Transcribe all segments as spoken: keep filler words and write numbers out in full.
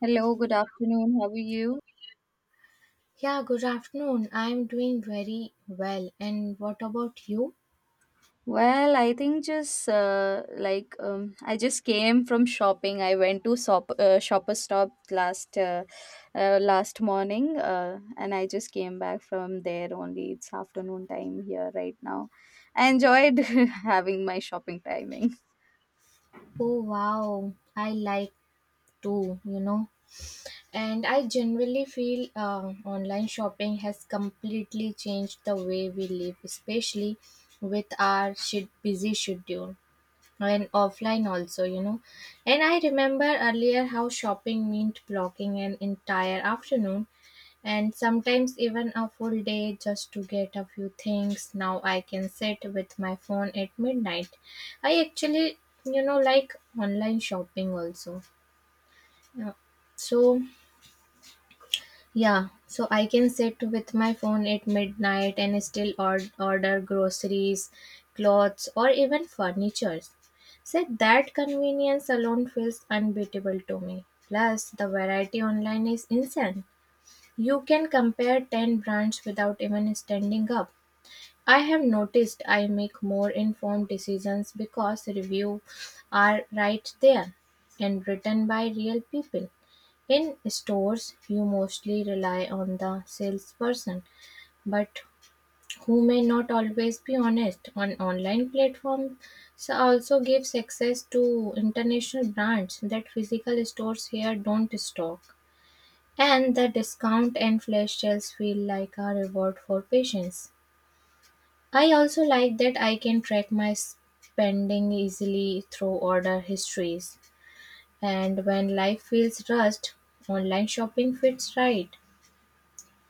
Hello, good afternoon. How are you? Yeah, good afternoon. I'm doing very well. And what about you? Well, I think just uh, like um, I just came from shopping. I went to shop uh, shopper stop last uh, uh, last morning, uh, and I just came back from there only. It's afternoon time here right now. I enjoyed having my shopping timing. Oh, wow. I like too, you know. And I generally feel uh, online shopping has completely changed the way we live, especially with our shit busy schedule and offline also, you know. And I remember earlier how shopping meant blocking an entire afternoon and sometimes even a full day just to get a few things. Now I can sit with my phone at midnight. I actually you know like online shopping also. Yeah. so yeah so I can sit with my phone at midnight and still or- order groceries, clothes, or even furniture. So that convenience alone feels unbeatable to me. Plus the variety online is insane. You can compare ten brands without even standing up. I have noticed I make more informed decisions because reviews are right there and written by real people. In stores, you mostly rely on the salesperson, but who may not always be honest. On online platforms so also gives access to international brands that physical stores here don't stock. And the discount and flash sales feel like a reward for patience. I also like that I can track my spending easily through order histories. And when life feels rushed, online shopping fits right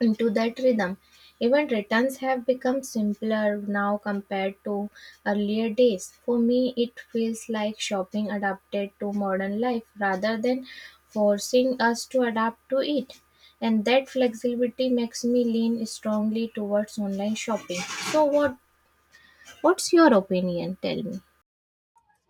into that rhythm. Even returns have become simpler now compared to earlier days. For me, it feels like shopping adapted to modern life rather than forcing us to adapt to it. And that flexibility makes me lean strongly towards online shopping. So, what what's your opinion? Tell me.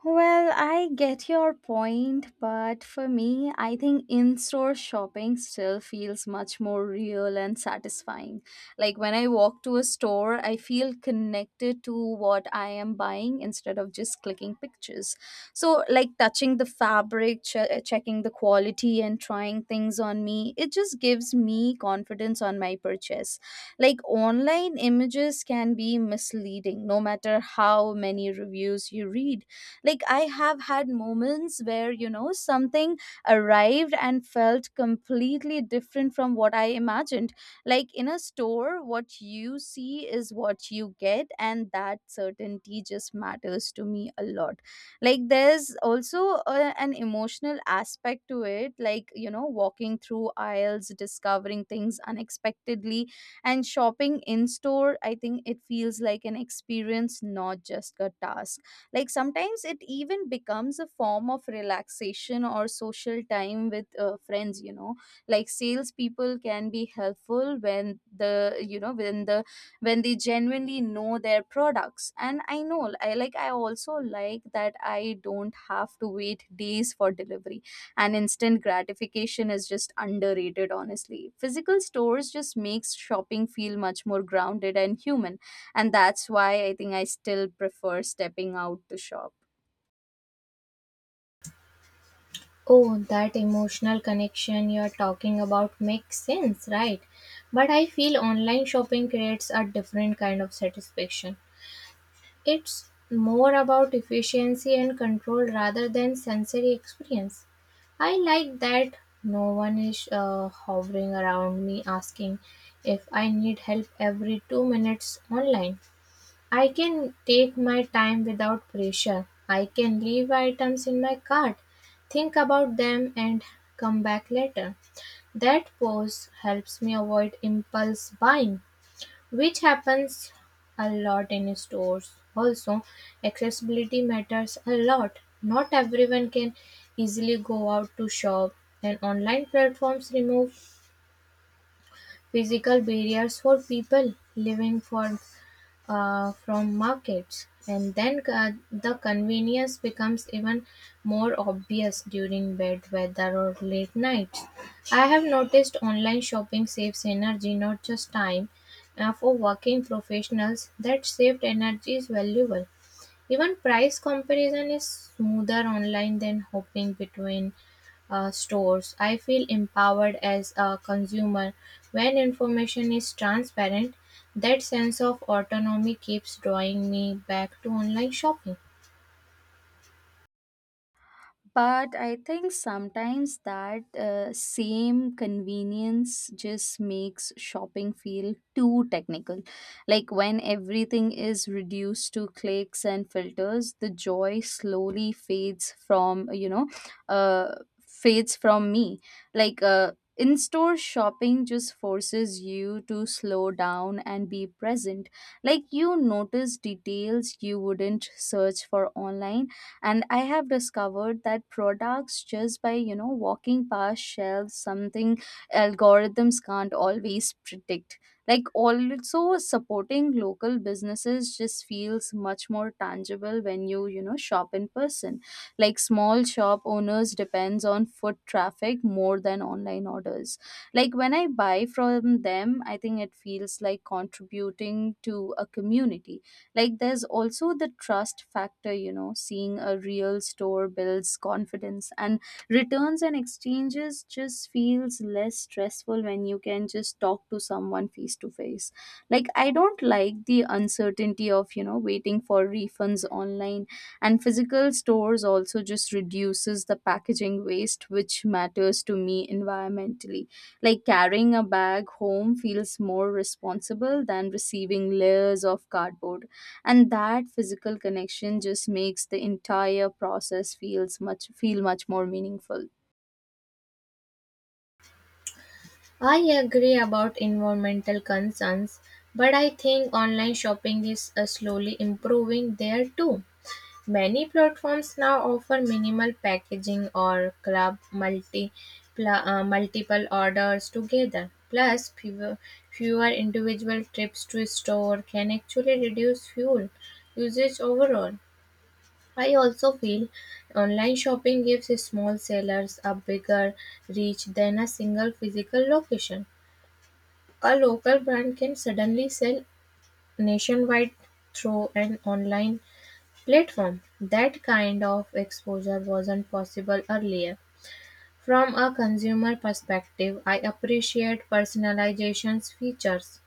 Well, I get your point, but for me, I think in store shopping still feels much more real and satisfying. Like when I walk to a store, I feel connected to what I am buying instead of just clicking pictures. So, like touching the fabric, che- checking the quality, and trying things on me, it just gives me confidence on my purchase. Like online images can be misleading no matter how many reviews you read. Like I have had moments where, you know, something arrived and felt completely different from what I imagined. Like in a store, what you see is what you get, and that certainty just matters to me a lot. Like there's also a, an emotional aspect to it. Like, you know, walking through aisles, discovering things unexpectedly, and shopping in store, I think it feels like an experience, not just a task. Like sometimes it even becomes a form of relaxation or social time with uh, friends, you know. Like salespeople can be helpful when the you know when the when they genuinely know their products. And I know I like, I also like that I don't have to wait days for delivery, and instant gratification is just underrated. Honestly, physical stores just makes shopping feel much more grounded and human, and that's why I think I still prefer stepping out to shop. Oh, that emotional connection you're talking about makes sense, right? But I feel online shopping creates a different kind of satisfaction. It's more about efficiency and control rather than sensory experience. I like that no one is uh, hovering around me asking if I need help every two minutes online. I can take my time without pressure. I can leave items in my cart, think about them, and come back later. That pause helps me avoid impulse buying. Which happens a lot in stores. Also, accessibility matters a lot. Not everyone can easily go out to shop, and online platforms remove physical barriers for people living far, uh, from markets. And then uh, the convenience becomes even more obvious during bad weather or late nights. I have noticed online shopping saves energy, not just time. Uh, for working professionals, that saved energy is valuable. Even price comparison is smoother online than hopping between uh, stores. I feel empowered as a consumer when information is transparent. That sense of autonomy keeps drawing me back to online shopping. But I think sometimes that uh, same convenience just makes shopping feel too technical. Like when everything is reduced to clicks and filters, the joy slowly fades from, you know, uh, fades from me. Like, uh, in store shopping just forces you to slow down and be present. Like, you notice details you wouldn't search for online, and I have discovered that products just by, you know, walking past shelves, something algorithms can't always predict. Like also supporting local businesses just feels much more tangible when you you know, shop in person. Like small shop owners depends on foot traffic more than online orders. Like when I buy from them, I think it feels like contributing to a community. Like there's also the trust factor, you know, seeing a real store builds confidence, and returns and exchanges just feels less stressful when you can just talk to someone face to face. Like I don't like the uncertainty of, you know, waiting for refunds online. And physical stores also just reduces the packaging waste, which matters to me environmentally. Like carrying a bag home feels more responsible than receiving layers of cardboard, and that physical connection just makes the entire process feels much feel much more meaningful. I agree about environmental concerns, but I think online shopping is uh, slowly improving there too. Many platforms now offer minimal packaging or club multi, pla- uh, multiple orders together, plus fewer fewer individual trips to store can actually reduce fuel usage overall. I also feel online shopping gives small sellers a bigger reach than a single physical location. A local brand can suddenly sell nationwide through an online platform. That kind of exposure wasn't possible earlier. From a consumer perspective, I appreciate personalization's features.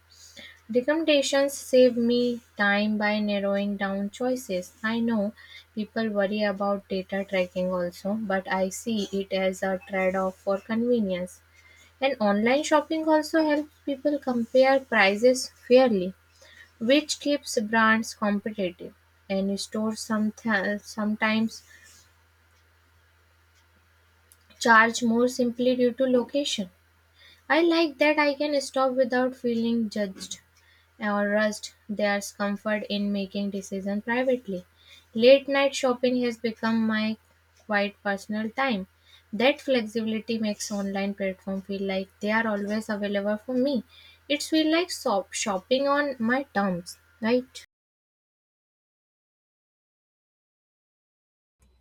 Recommendations save me time by narrowing down choices. I know people worry about data tracking also, but I see it as a trade off for convenience. And online shopping also helps people compare prices fairly, which keeps brands competitive, and stores someth- sometimes charge more simply due to location. I like that I can stop without feeling judged or rushed. There's comfort in making decisions privately. Late night shopping has become my quite personal time. That flexibility makes online platform feel like they are always available for me. It's feel like shop shopping on my terms, right?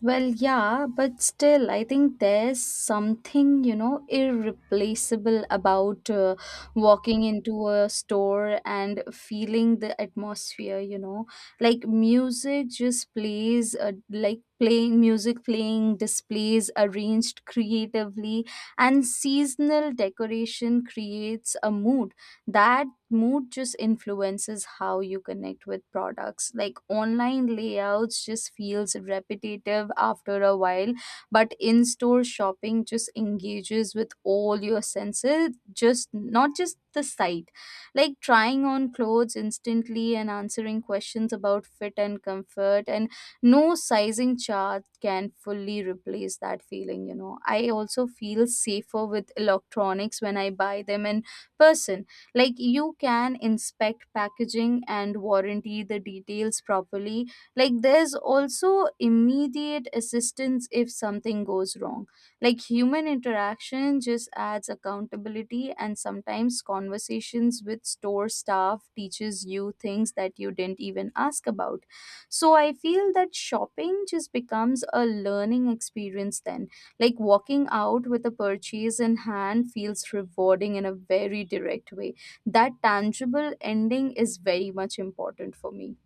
Well, yeah, but still I think there's something, you know, irreplaceable about uh, walking into a store and feeling the atmosphere, you know. Like music just plays, uh, like playing music, playing displays arranged creatively, and seasonal decoration creates a mood. That mood just influences how you connect with products. Like online layouts just feels repetitive after a while, but in-store shopping just engages with all your senses, just not just the sight. Like trying on clothes instantly and answering questions about fit and comfort, and no sizing chart can fully replace that feeling, you know. I also feel safer with electronics when I buy them in person. Like you can inspect packaging and warranty the details properly. Like there's also immediate assistance if something goes wrong. Like human interaction just adds accountability, and sometimes conversations with store staff teaches you things that you didn't even ask about. So I feel that shopping just becomes a learning experience then. Like walking out with a purchase in hand feels rewarding in a very direct way. That tangible ending is very much important for me.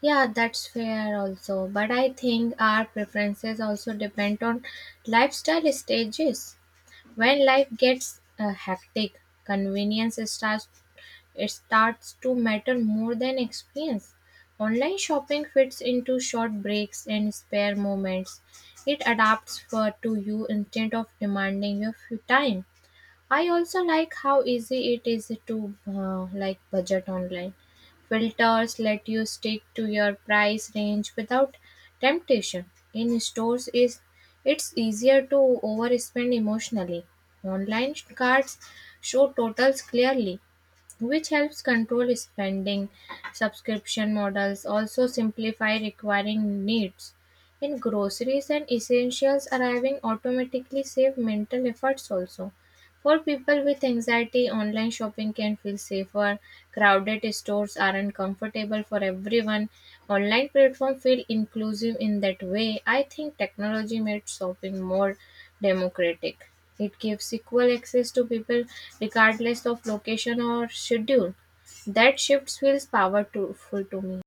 Yeah, that's fair also. But I think our preferences also depend on lifestyle stages. When life gets uh, hectic, convenience starts it starts to matter more than experience. Online shopping fits into short breaks and spare moments. It adapts for to you instead of demanding your full time. I also like how easy it is to uh, like budget online. Filters let you stick to your price range without temptation. In stores is it's easier to overspend emotionally. Online cards show totals clearly, which helps control spending. Subscription models also simplify requiring needs. In groceries and essentials arriving automatically save mental efforts also. For people with anxiety, online shopping can feel safer. Crowded stores aren't comfortable for everyone. Online platforms feel inclusive in that way. I think technology made shopping more democratic. It gives equal access to people regardless of location or schedule. That shift feels powerful to me.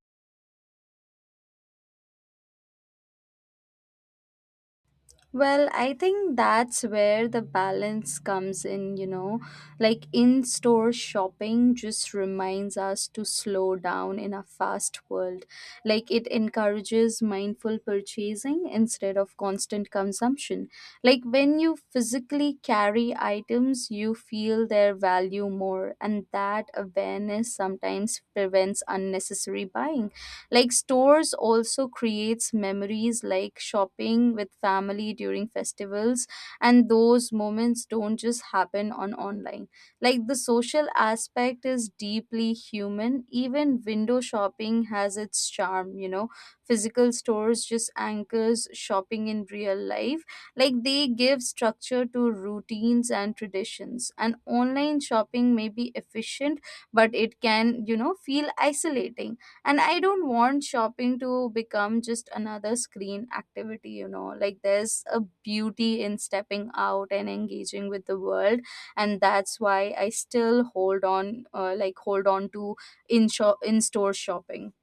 Well, I think that's where the balance comes in, you know. Like in store shopping just reminds us to slow down in a fast world. Like it encourages mindful purchasing instead of constant consumption. Like when you physically carry items, you feel their value more, and that awareness sometimes prevents unnecessary buying. Like stores also creates memories, like shopping with family during festivals, and those moments don't just happen on online. Like the social aspect is deeply human. Even window shopping has its charm, you know. Physical stores just anchors shopping in real life. Like they give structure to routines and traditions, and online shopping may be efficient, but it can, you know, feel isolating. And I don't want shopping to become just another screen activity, you know. Like there's a beauty in stepping out and engaging with the world, and that's why I still hold on, uh, like hold on to in shop in store shopping.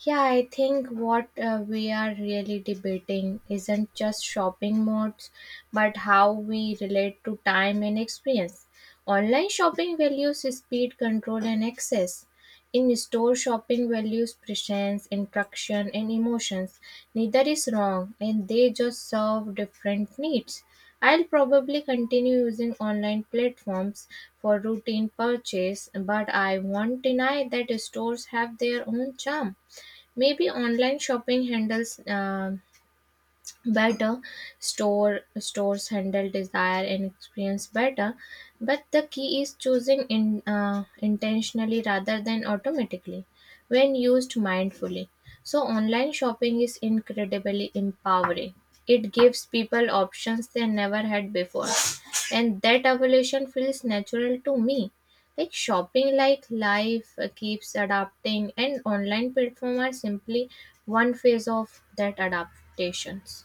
Yeah, I think what uh, we are really debating isn't just shopping modes, but how we relate to time and experience. Online shopping values speed, control, and access. In store shopping values presence, interaction, and emotions. Neither is wrong, and they just serve different needs. I'll probably continue using online platforms for routine purchase, but I won't deny that stores have their own charm. Maybe online shopping handles uh, better, store stores handle desire and experience better, but the key is choosing in uh, intentionally rather than automatically. When used mindfully, so online shopping is incredibly empowering. It gives people options they never had before, and that evolution feels natural to me. Like shopping, like life, uh, keeps adapting, and online platforms are simply one phase of that adaptations.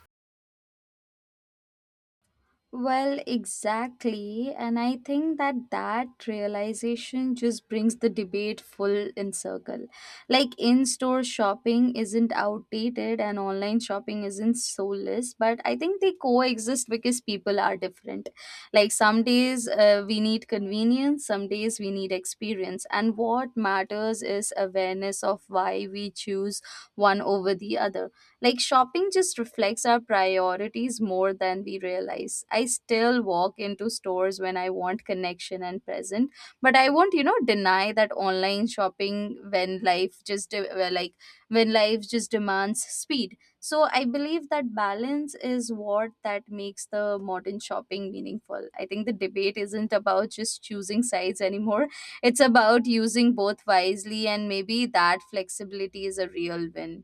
Well, exactly. And I think that that realization just brings the debate full in circle. Like in store shopping isn't outdated and online shopping isn't soulless, but I think they coexist because people are different. Like some days uh, we need convenience, some days we need experience. And what matters is awareness of why we choose one over the other. Like shopping just reflects our priorities more than we realize. I still walk into stores when I want connection and present, but I won't, you know, deny that online shopping when life just de- uh, like when life just demands speed. So I believe that balance is what that makes the modern shopping meaningful. I think the debate isn't about just choosing sides anymore. It's about using both wisely, and maybe that flexibility is a real win.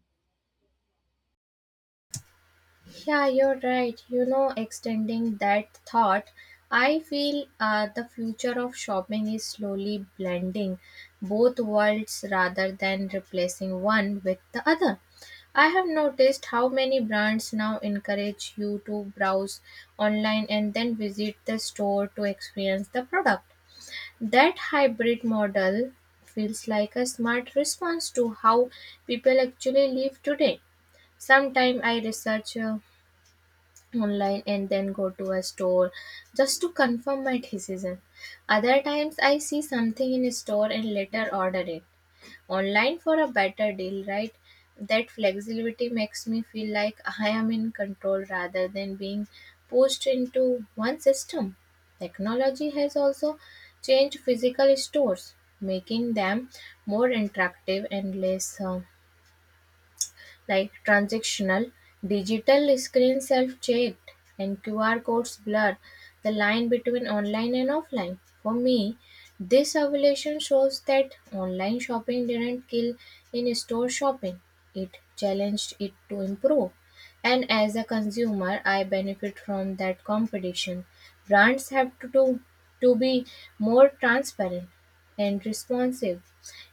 Yeah, you're right. You know, extending that thought, I feel uh, the future of shopping is slowly blending both worlds rather than replacing one with the other. I have noticed how many brands now encourage you to browse online and then visit the store to experience the product. That hybrid model feels like a smart response to how people actually live today. Sometimes I research uh, online and then go to a store just to confirm my decision. Other times I see something in a store and later order it online for a better deal, right? That flexibility makes me feel like I am in control rather than being pushed into one system. Technology has also changed physical stores, making them more interactive and less uh, like transactional, digital screen self-checked, and Q R codes blur the line between online and offline. For me, this evolution shows that online shopping didn't kill in-store shopping. It challenged it to improve. And as a consumer, I benefit from that competition. Brands have to do, to be more transparent and responsive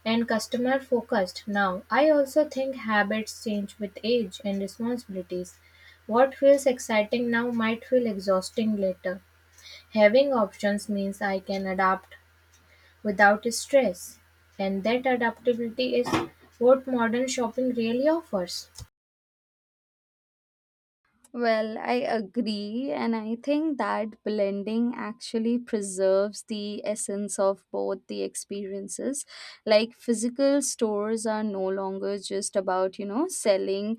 and customer focused now. I also think habits change with age and responsibilities. What feels exciting now might feel exhausting later. Having options means I can adapt without stress, and that adaptability is what modern shopping really offers. Well, I agree, and I think that blending actually preserves the essence of both the experiences. Like physical stores are no longer just about, you know, selling.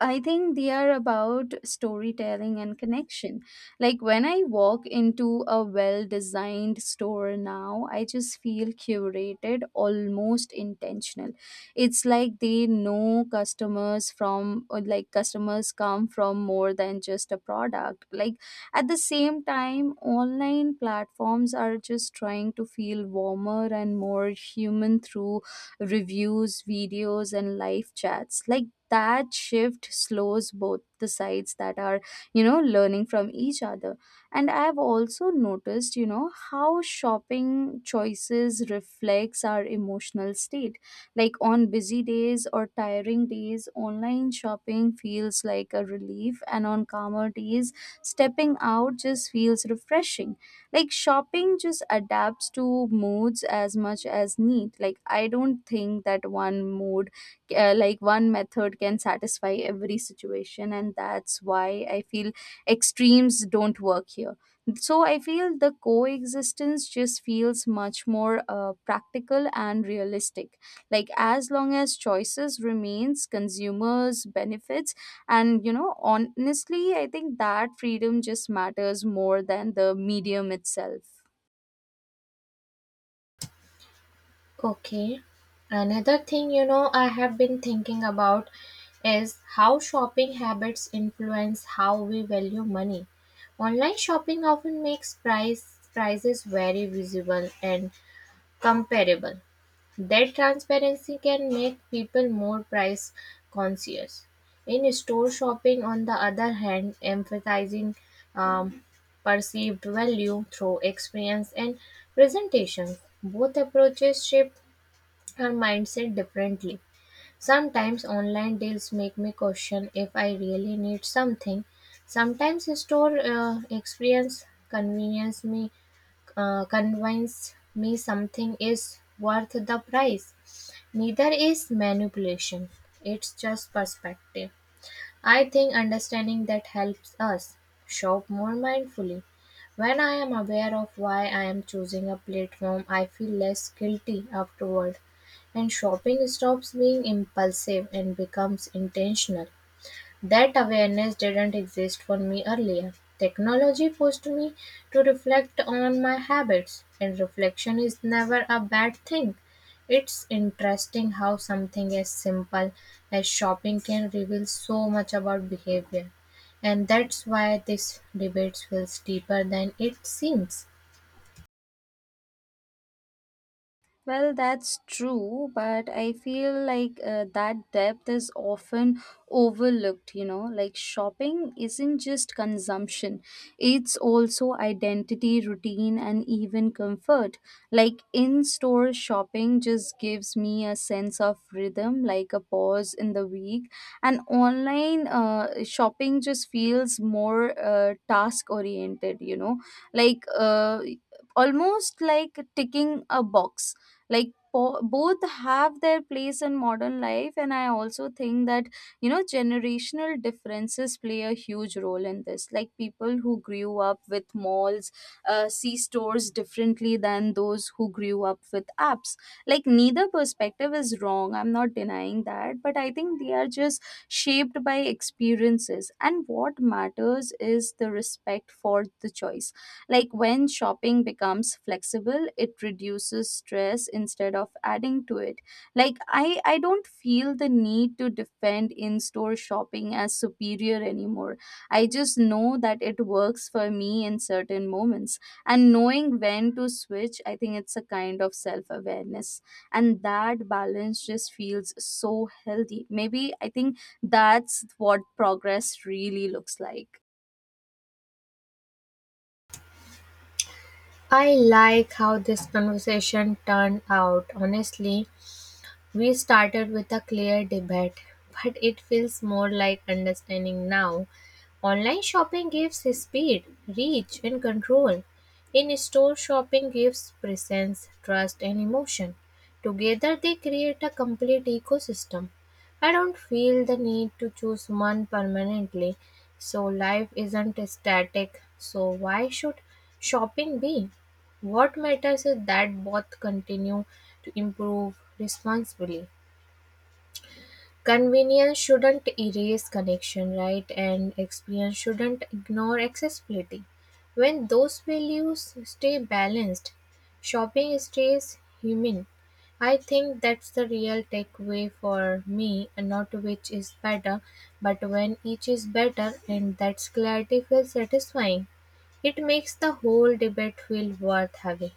I think they are about storytelling and connection. Like when I walk into a well designed store now, I just feel curated, almost intentional. It's like they know customers from, or like customers come from more than just a product. Like at the same time, online platforms are just trying to feel warmer and more human through reviews, videos, and live chats. Like that shift slows both the sides that are, you know, learning from each other. And I have also noticed, you know, how shopping choices reflects our emotional state. Like on busy days or tiring days, online shopping feels like a relief, and on calmer days, stepping out just feels refreshing. Like shopping just adapts to moods as much as need. Like I don't think that one mood, uh, like one method can satisfy every situation, and that's why I feel extremes don't work here. So I feel the coexistence just feels much more uh, practical and realistic. Like as long as choices remains, consumers benefits. And, you know, honestly I think that freedom just matters more than the medium itself. Okay. Another thing, you know, I have been thinking about is how shopping habits influence how we value money. Online shopping often makes price prices very visible and comparable. That transparency can make people more price conscious. In store shopping, on the other hand, emphasizing um, perceived value through experience and presentation. Both approaches shape our mindset differently. Sometimes online deals make me question if I really need something. Sometimes store uh, experience convenience me uh, convince me something is worth the price. Neither is manipulation. It's just perspective. I think understanding that helps us shop more mindfully. When I am aware of why I am choosing a platform, I feel less guilty afterward, and shopping stops being impulsive and becomes intentional. That awareness didn't exist for me earlier. Technology forced me to reflect on my habits, and reflection is never a bad thing. It's interesting how something as simple as shopping can reveal so much about behavior, and that's why this debate feels deeper than it seems. Well, that's true, but I feel like uh, that depth is often overlooked, you know. Like shopping isn't just consumption, it's also identity, routine, and even comfort. Like in store shopping just gives me a sense of rhythm, like a pause in the week, and online uh, shopping just feels more uh, task oriented, you know, like uh, almost like ticking a box. Like po- both have their place in modern life, and I also think that, you know, generational differences play a huge role in this. Like people who grew up with malls, uh, see stores differently than those who grew up with apps. Like neither perspective is wrong, I'm not denying that, but I think they are just shaped by experiences, and what matters is the respect for the choice. Like when shopping becomes flexible, it reduces stress instead of adding to it. Like I I don't feel the need to defend in-store shopping as superior anymore. I just know that it works for me in certain moments. And knowing when to switch, I think it's a kind of self-awareness. And that balance just feels so healthy. Maybe I think that's what progress really looks like. I like how this conversation turned out. Honestly, we started with a clear debate, but it feels more like understanding now. Online shopping gives speed, reach, and control. In store shopping gives presence, trust, and emotion. Together, they create a complete ecosystem. I don't feel the need to choose one permanently, so life isn't static. So, why should shopping be? What matters is that both continue to improve responsibly. Convenience shouldn't erase connection, right? And experience shouldn't ignore accessibility. When those values stay balanced, shopping stays human. I think that's the real takeaway for me, and not which is better, but when each is better, and that's clarity feels satisfying. It makes the whole debate feel worth having.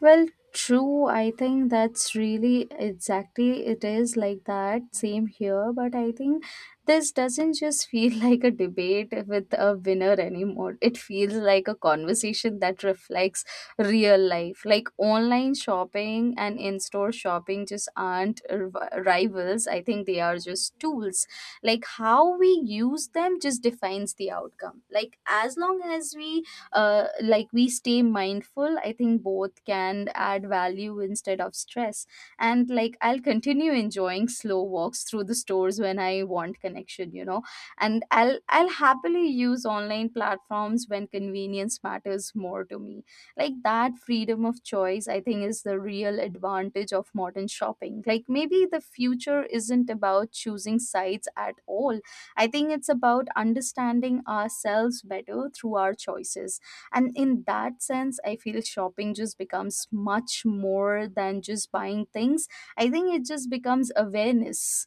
Well, true. I think that's really exactly it is like that. Same here. But I think this doesn't just feel like a debate with a winner anymore. It feels like a conversation that reflects real life. Like online shopping and in store shopping just aren't r- rivals. I think they are just tools. Like how we use them just defines the outcome. Like as long as we uh, like we stay mindful, I think both can add value instead of stress. And like I'll continue enjoying slow walks through the stores when I want connection, you know, and i'll i'll happily use online platforms when convenience matters more to me. Like that freedom of choice, I think, is the real advantage of modern shopping. Like maybe the future isn't about choosing sites at all. I think it's about understanding ourselves better through our choices. And in that sense, I feel shopping just becomes much more than just buying things. I think it just becomes awareness.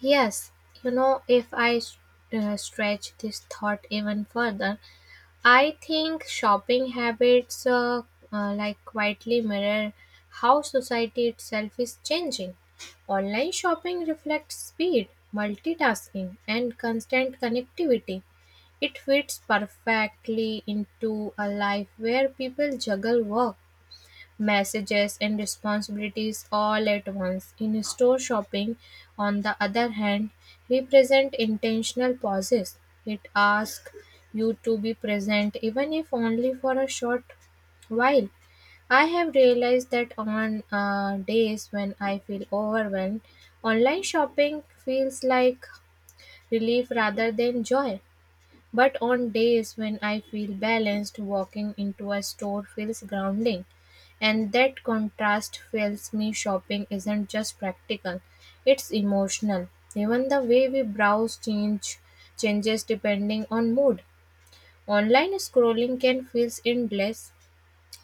Yes, you know, if I s- uh, stretch this thought even further, I think shopping habits uh, uh, like quietly mirror how society itself is changing. Online shopping reflects speed, multitasking, and constant connectivity. It fits perfectly into a life where people juggle work, messages and responsibilities all at once. In store shopping, on the other hand, represent intentional pauses. It asks you to be present even if only for a short while. I have realized that on uh, days when I feel overwhelmed, online shopping feels like relief rather than joy. But on days when I feel balanced, walking into a store feels grounding. And that contrast fills me shopping isn't just practical, it's emotional. Even the way we browse change changes depending on mood. Online scrolling can feel endless,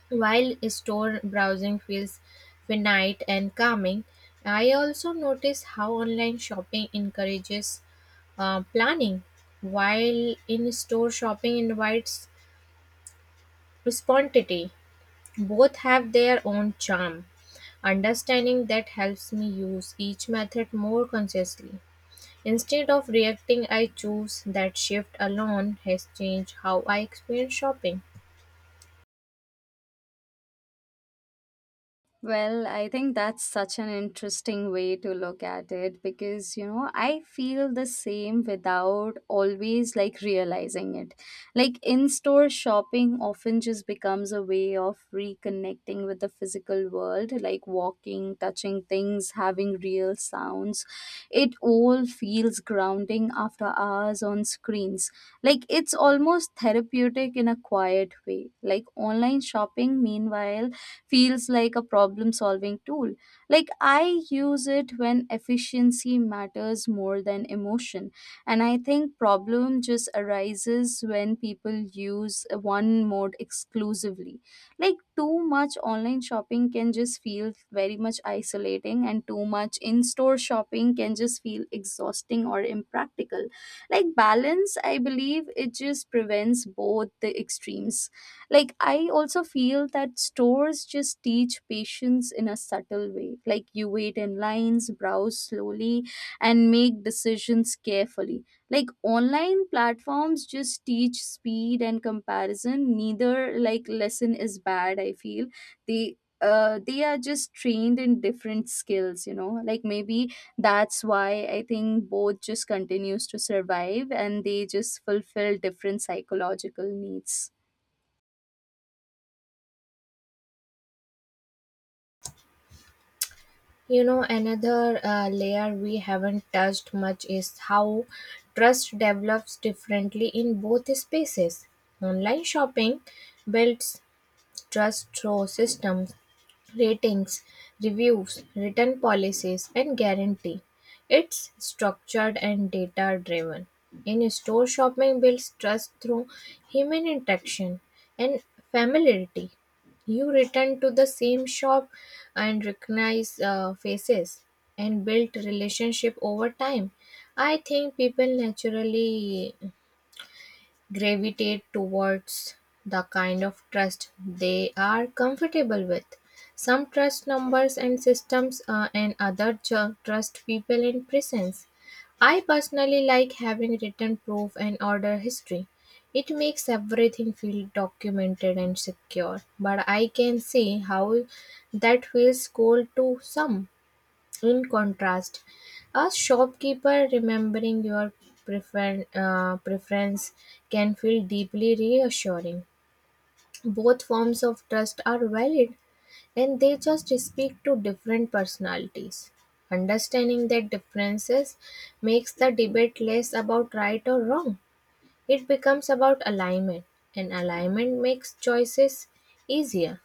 while store browsing feels finite and calming. I also notice how online shopping encourages uh, planning, while in store shopping invites spontaneity. Both have their own charm. Understanding that helps me use each method more consciously. Instead of reacting, I choose that shift alone has changed how I experience shopping. Well, I think that's such an interesting way to look at it because, you know, I feel the same without always like realizing it. Like in store shopping often just becomes a way of reconnecting with the physical world, like walking, touching things, having real sounds. It all feels grounding after hours on screens. Like it's almost therapeutic in a quiet way. Like online shopping, meanwhile, feels like a problem solving tool. Like I use it when efficiency matters more than emotion. And I think problem just arises when people use one mode exclusively. Like too much online shopping can just feel very much isolating and too much in-store shopping can just feel exhausting or impractical. Like balance, I believe, it just prevents both the extremes. Like I also feel that stores just teach patience in a subtle way. Like you wait in lines, browse slowly, and make decisions carefully. Like online platforms just teach speed and comparison. Neither, like, lesson is bad, I feel. They uh, they are just trained in different skills, you know. Like maybe that's why I think both just continues to survive, and they just fulfill different psychological needs. You know, another uh, layer we haven't touched much is how trust develops differently in both spaces. Online shopping builds trust through systems, ratings, reviews, return policies, and guarantee. It's structured and data driven. In store shopping builds trust through human interaction and familiarity. You return to the same shop and recognize uh, faces and build relationship over time. I think people naturally gravitate towards the kind of trust they are comfortable with. Some trust numbers and systems, uh, and other ju- trust people and presence. I personally like having written proof and order history. It makes everything feel documented and secure, but I can see how that feels cold to some. In contrast, a shopkeeper remembering your prefer- uh, preference can feel deeply reassuring. Both forms of trust are valid and they just speak to different personalities. Understanding their differences makes the debate less about right or wrong. It becomes about alignment, and alignment makes choices easier.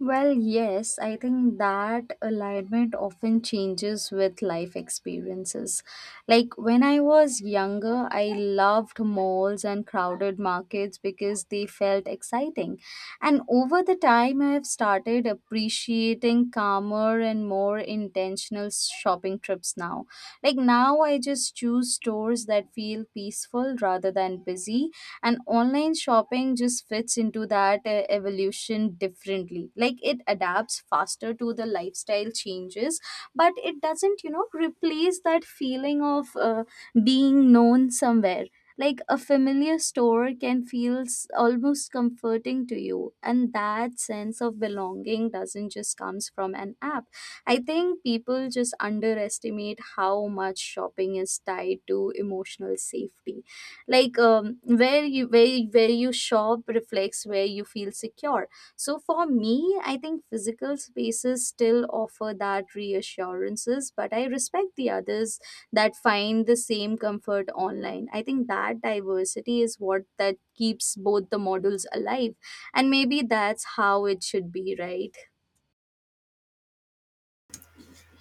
Well, yes, I think that alignment often changes with life experiences. Like when I was younger, I loved malls and crowded markets because they felt exciting. And over the time, I have started appreciating calmer and more intentional shopping trips now. Like now, I just choose stores that feel peaceful rather than busy, and online shopping just fits into that uh, evolution differently. Like it adapts faster to the lifestyle changes, but it doesn't, you know, replace that feeling of uh, being known somewhere. Like a familiar store can feel s- almost comforting to you, and that sense of belonging doesn't just comes from an app. I think people just underestimate how much shopping is tied to emotional safety. Like um, where you where, where you shop reflects where you feel secure. So for me, I think physical spaces still offer that reassurances, but I respect the others that find the same comfort online. I think that diversity is what that keeps both the models alive. And maybe that's how it should be, right?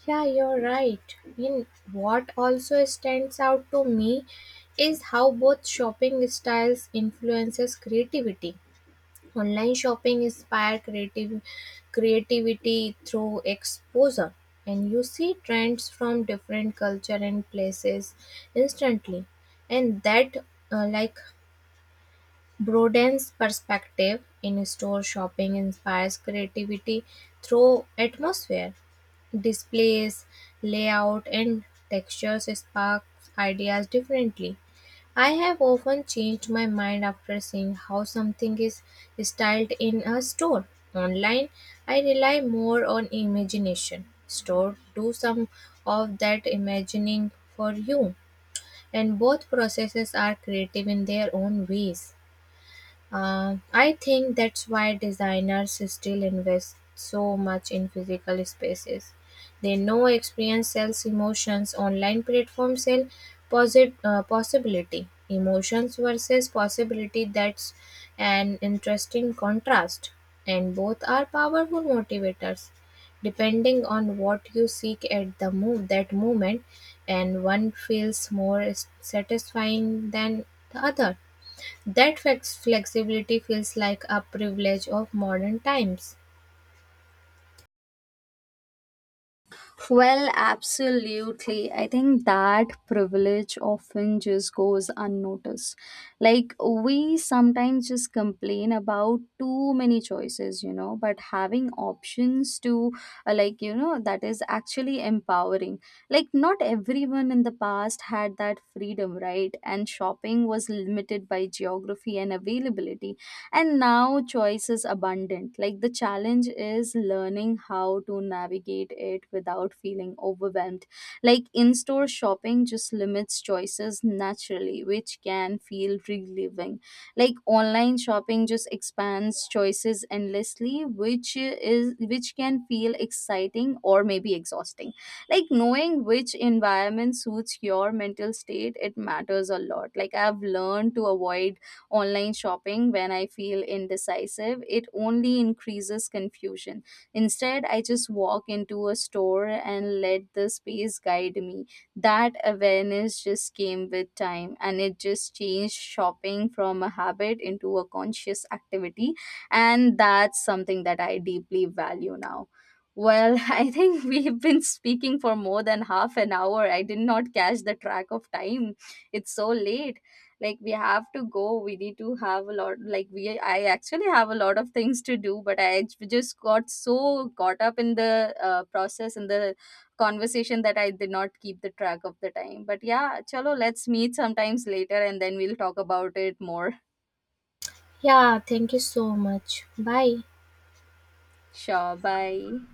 Yeah, you're right. In what also stands out to me is how both shopping styles influences creativity. Online shopping inspire creative creativity through exposure, and you see trends from different culture and places instantly, and that uh, like broadens perspective. In store shopping inspires creativity through atmosphere. Displays, layout, and textures spark ideas differently. I have often changed my mind after seeing how something is styled in a store. Online, I rely more on imagination. Store do some of that imagining for you, and both processes are creative in their own ways. Uh, I think that's why designers still invest so much in physical spaces. They know experience sells emotions, online platforms sell posit- uh, possibility. Emotions versus possibility, that's an interesting contrast, and both are powerful motivators. Depending on what you seek at the move that moment, and one feels more s- satisfying than the other. That flex- flexibility feels like a privilege of modern times. Well, absolutely. I think that privilege often just goes unnoticed. Like, we sometimes just complain about too many choices, you know, but having options to, uh, like, you know, that is actually empowering. Like, not everyone in the past had that freedom, right? And shopping was limited by geography and availability, and now choice is abundant. Like the challenge is learning how to navigate it without feeling overwhelmed. Like in-store shopping just limits choices naturally, which can feel relieving. Like online shopping just expands choices endlessly, which is which can feel exciting or maybe exhausting. Like knowing which environment suits your mental state, it matters a lot. Like I've learned to avoid online shopping when I feel indecisive. It only increases confusion. Instead, I just walk into a store and let the space guide me. That awareness just came with time, and it just changed shopping from a habit into a conscious activity. And that's something that I deeply value now. Well, I think we've been speaking for more than half an hour. I did not catch the track of time. It's so late. Like we have to go, we need to have a lot, like we, I actually have a lot of things to do, but I j- just got so caught up in the uh, process, in the conversation, that I did not keep the track of the time. But yeah, chalo, let's meet sometimes later and then we'll talk about it more. Yeah, thank you so much. Bye. Sure, bye.